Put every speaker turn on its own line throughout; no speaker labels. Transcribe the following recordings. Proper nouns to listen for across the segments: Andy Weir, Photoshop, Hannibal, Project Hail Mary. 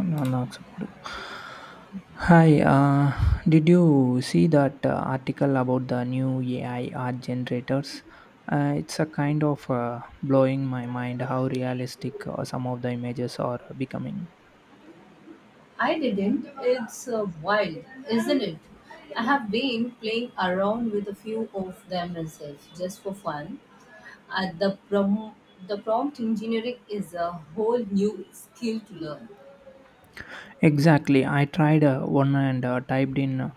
Unacceptable. Hi, did you see that article about the new AI art generators? It's a kind of blowing my mind how realistic some of the images are becoming.
I didn't. It's wild, isn't it? I have been playing around with a few of them myself, just for fun. Uh, the, prom- the prompt engineering is a whole new skill to learn.
Exactly, I tried one and typed in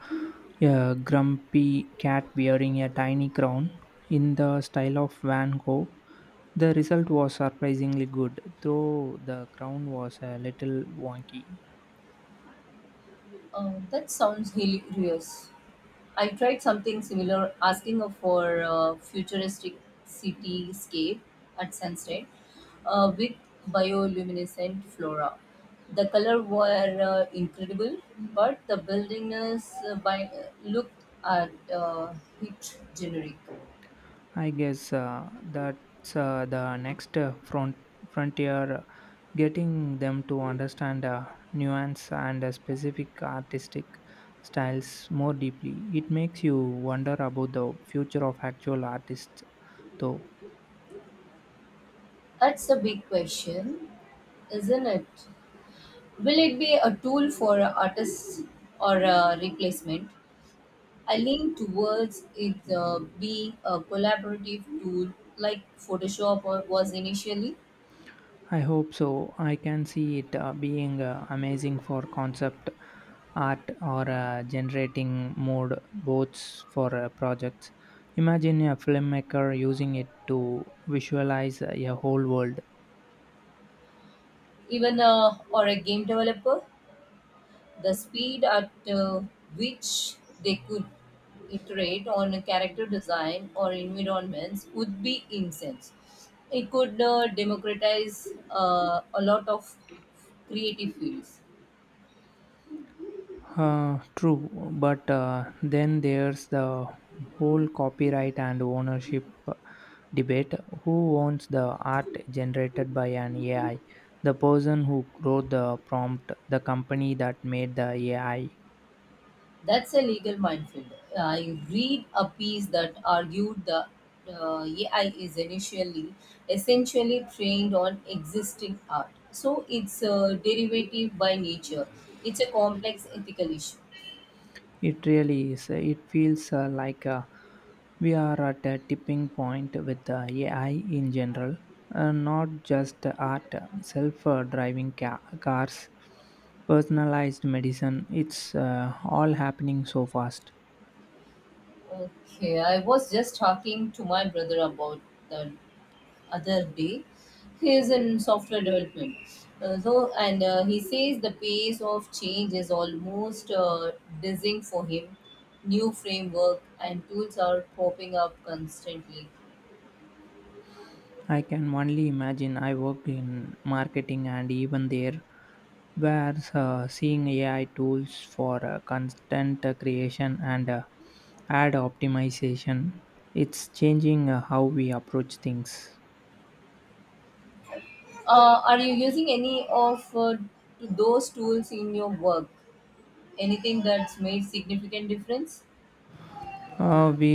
a grumpy cat wearing a tiny crown in the style of Van Gogh. The result was surprisingly good, though the crown was a little wonky.
That sounds hilarious. I tried something similar, asking for a futuristic cityscape at sunset with bioluminescent flora. The color were incredible, but the building is by looked at hit generic.
I guess that's the next frontier, getting them to understand nuance and specific artistic styles more deeply. It makes you wonder about the future of actual artists, though.
That's a big question, isn't it? Will it be a tool for artists or a replacement? I lean towards it being a collaborative tool like Photoshop or was initially,
I hope so. I can see it being amazing for concept art or generating mode boards for projects. Imagine a filmmaker using it to visualize a whole world.
even or a game developer. The speed at which they could iterate on a character design or environments would be incense. It could democratize a lot of creative fields.
True, but then there's the whole copyright and ownership debate. Who owns the art generated by an AI? The person who wrote the prompt, the company that made the AI?
That's a legal minefield. I read a piece that argued the AI is initially essentially trained on existing art, so it's a derivative by nature. It's a complex ethical issue.
It really is. It feels like we are at a tipping point with AI in general, not just art, self driving ca- cars, personalized medicine. It's all happening so fast.
Okay, I was just talking to my brother about that other day. He is in software development. So, and he says the pace of change is almost dizzying for him. New framework and tools are popping up constantly.
I can only imagine. I worked in marketing, and even there, where seeing AI tools for content creation and ad optimization, it's changing how we approach things.
Are you using any of those tools in your work? Anything that's made significant difference?
We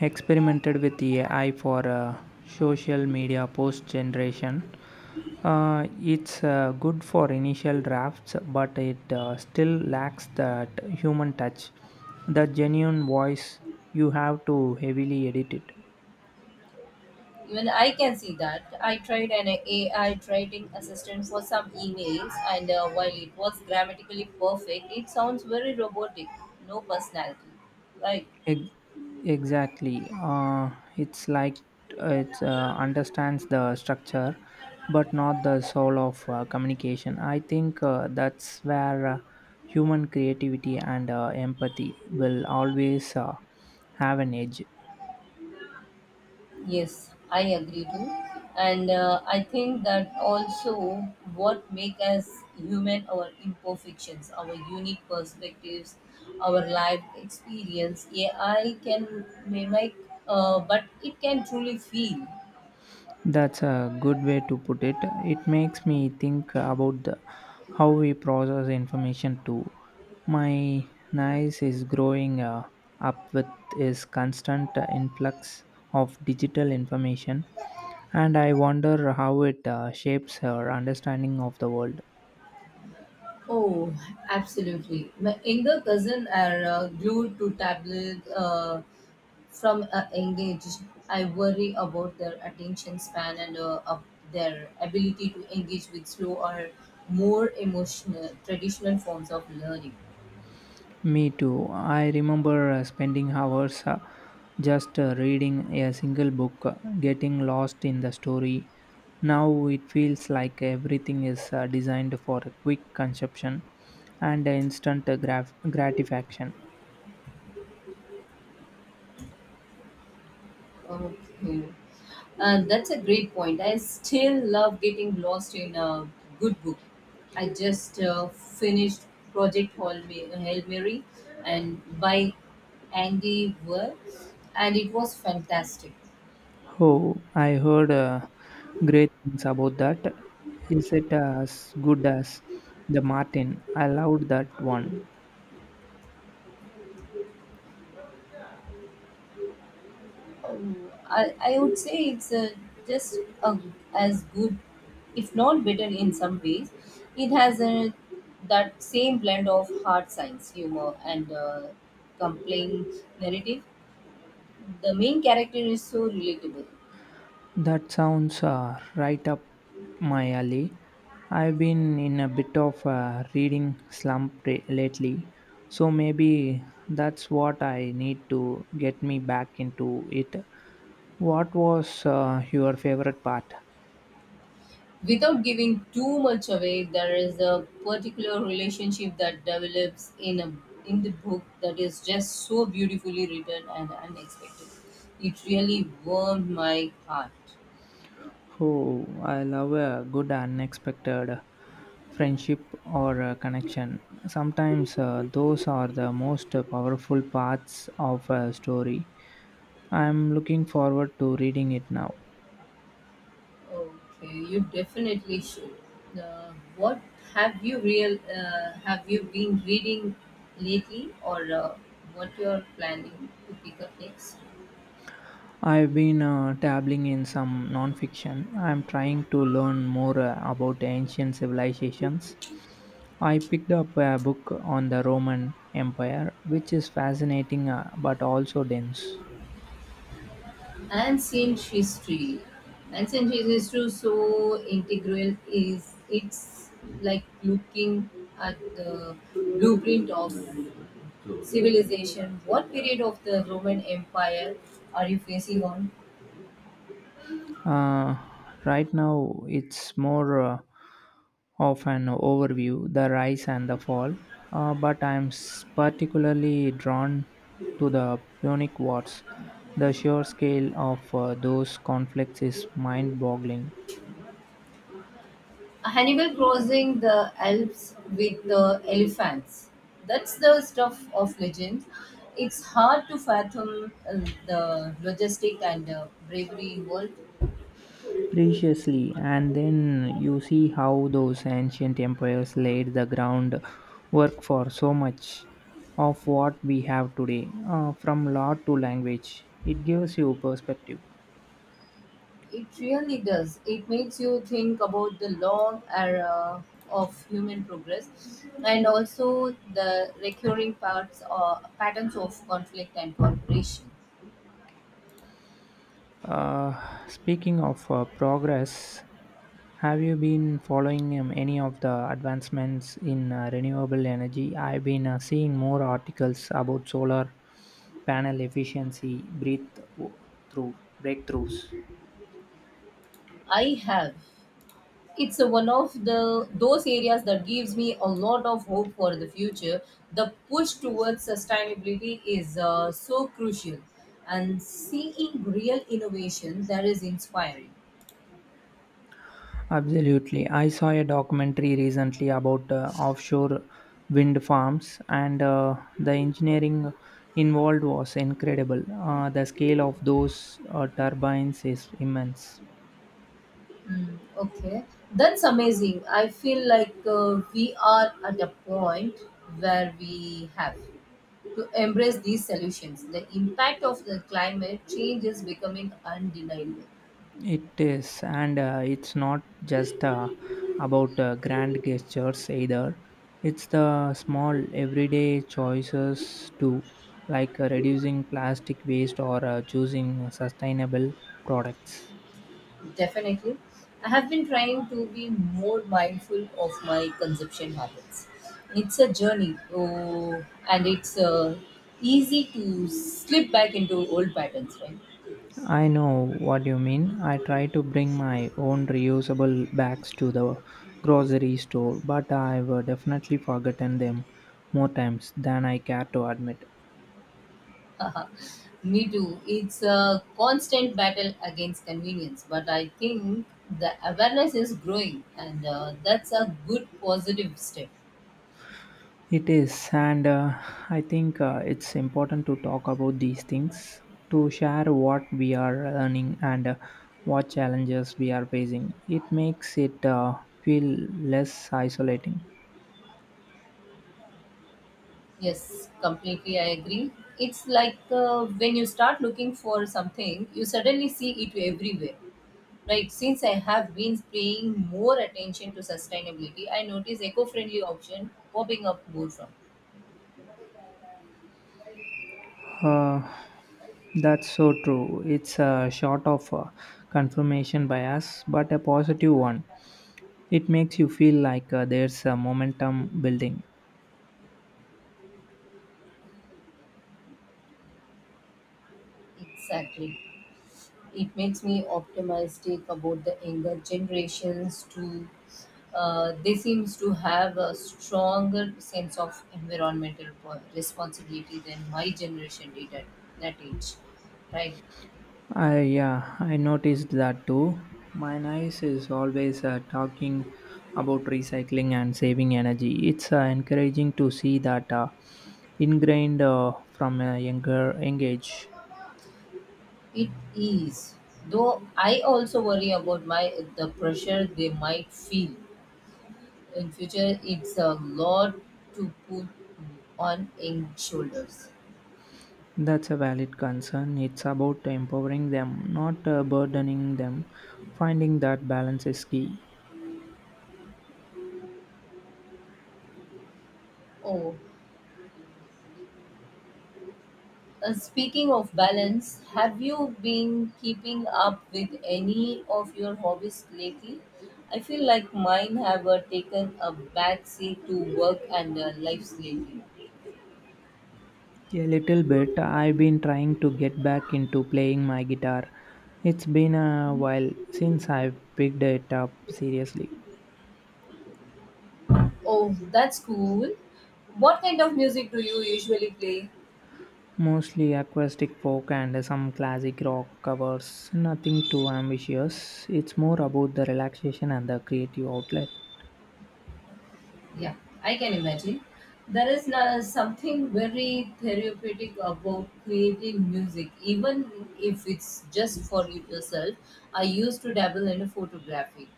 experimented with AI for social media post generation. It's good for initial drafts, but it still lacks that human touch, that genuine voice. You have to heavily edit it.
Even I can see that. I tried an AI writing assistant for some emails, and while it was grammatically perfect, it sounds very robotic, no personality. Right?
Ex- exactly. It's like it understands the structure, but not the soul of communication. I think that's where human creativity and empathy will always have an edge.
Yes, I agree too. And I think that also what make us human our imperfections, our unique perspectives, our life experience. AI can mimic, but it can truly feel.
That's a good way to put it. It makes me think about how we process information too. My niece is growing up with his constant influx of digital information, and I wonder how it shapes her understanding of the world.
Oh, absolutely. My younger cousins are glued to tablets from a young age. I worry about their attention span and of their ability to engage with slow or more emotional traditional forms of learning.
Me too. I remember spending hours just reading a single book, getting lost in the story. Now it feels like everything is designed for a quick consumption and instant gratification.
Okay. That's a great point. I still love getting lost in a good book. I just finished Hail Mary and by Andy Weir, and it was fantastic.
Oh, I heard great things about that. Is it as good as the Martin? I loved that one.
I would say it's just a as good, if not better in some ways. It has that same blend of hard science, humor, and compelling narrative the main character is so relatable.
That sounds right up my alley. I've been in a bit of a reading slump lately, so maybe that's what I need to get me back into it. What was your favorite part?
Without giving too much away, there is a particular relationship that develops in a in the book that is just so beautifully written and unexpected. It really warmed my heart.
Oh, I love a good unexpected friendship or a connection. Sometimes those are the most powerful parts of a story. I'm looking forward to reading it now.
Okay, you definitely should. What have you real Have you been reading lately, or what you're planning to pick up next?
I've been dabbling in some nonfiction. I'm trying to learn more about ancient civilizations. I picked up a book on the Roman Empire, which is fascinating but also dense.
Ancient history. Ancient history so integral is it's like looking at the blueprint of civilization. What period of the Roman Empire are you facing on?
Uh, right now, it's more of an overview, the rise and the fall, but I'm particularly drawn to the Punic Wars. The sheer scale of those conflicts is mind boggling.
Hannibal crossing the Alps with the elephants. That's the stuff of legends. It's hard to fathom the logistic and bravery involved.
Preciously, and then you see how those ancient empires laid the groundwork for so much of what we have today, from law to language. It gives you perspective.
It really does. It makes you think about the long era of human progress and also the recurring parts or patterns of conflict and cooperation.
Uh, speaking of progress, have you been following any of the advancements in renewable energy? I've been seeing more articles about solar panel efficiency, breathe through breakthroughs.
I have. It's a one of the those areas that gives me a lot of hope for the future. The push towards sustainability is so crucial, and seeing real innovation there is inspiring.
Absolutely. I saw a documentary recently about offshore wind farms, and the engineering involved was incredible. The scale of those turbines is immense.
Mm, okay, that's amazing. I feel like we are at a point where we have to embrace these solutions. The impact of the climate change is becoming undeniable.
It is, and it's not just about grand gestures either. It's the small everyday choices too, like reducing plastic waste or choosing sustainable products.
Definitely. I have been trying to be more mindful of my consumption habits. It's a journey, oh, and it's easy to slip back into old patterns, right?
I know what you mean. I try to bring my own reusable bags to the grocery store, but I've definitely forgotten them more times than I care to admit.
Me too. It's a constant battle against convenience, but I think the awareness is growing, and that's a good positive step.
It is, and I think it's important to talk about these things, to share what we are learning and what challenges we are facing. It makes it feel less isolating.
Yes, completely. I agree. It's like when you start looking for something, you suddenly see it everywhere. Right, since I have been paying more attention to sustainability, I notice eco friendly option popping up more from.
Uh, That's so true. It's a sort of confirmation bias, but a positive one. It makes you feel like there's a momentum building.
Exactly. It makes me optimistic about the younger generations too. They seems to have a stronger sense of responsibility than my generation did at that age. Right?
I yeah, I noticed that too. My niece is always talking about recycling and saving energy. It's encouraging to see that ingrained from a young age.
It is. Though I also worry about my the pressure they might feel in future. It's a lot to put on in shoulders.
That's a valid concern. It's about empowering them, not burdening them. Finding that balance is key.
Oh, speaking of balance, have you been keeping up with any of your hobbies lately? I feel like mine have taken a back seat to work and life lately.
A little bit. I've been trying to get back into playing my guitar. It's been a while since I've picked it up seriously.
Oh, that's cool. What kind of music do you usually play?
Mostly acoustic folk and some classic rock covers. Nothing too ambitious. It's more about the relaxation and the creative outlet.
Yeah, I can imagine. There is something very therapeutic about creating music, even if it's just for you yourself. I used to dabble in photography.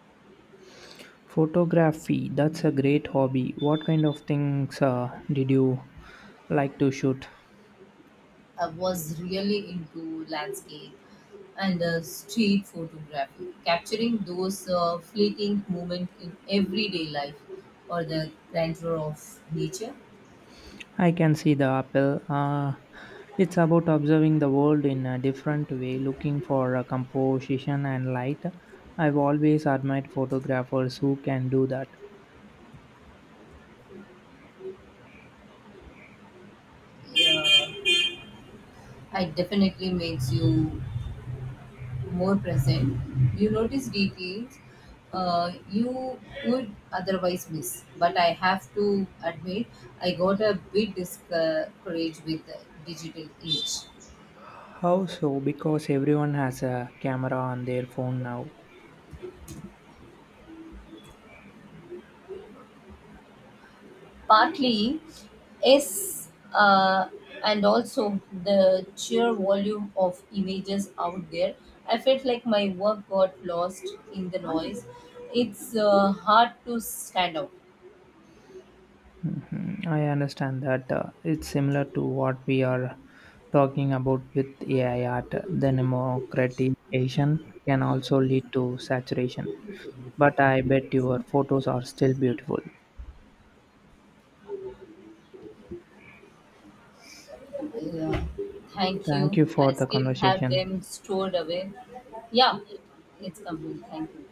Photography, that's a great hobby. What kind of things did you like to shoot?
I was really into landscape and street photography, capturing those fleeting moments in everyday life or the grandeur of nature.
I can see the apple. It's about observing the world in a different way, looking for a composition and light. I've always admired photographers who can do that.
Yeah, it definitely makes you more present. You notice details you would otherwise miss. But I have to admit, I got a bit discouraged with the digital age.
How so? Because everyone has a camera on their phone now.
Partly, yes, uh, and also the sheer volume of images out there. I felt like my work got lost in the noise. It's hard to stand out.
Mm, I understand that it's similar to what we are talking about with AI art. The democratization can also lead to saturation. But I bet your photos are still beautiful.
Yeah. Thank
Thank
you.
you for
I
the
still have
conversation.
them stored away. Yeah, it's complete. Thank you.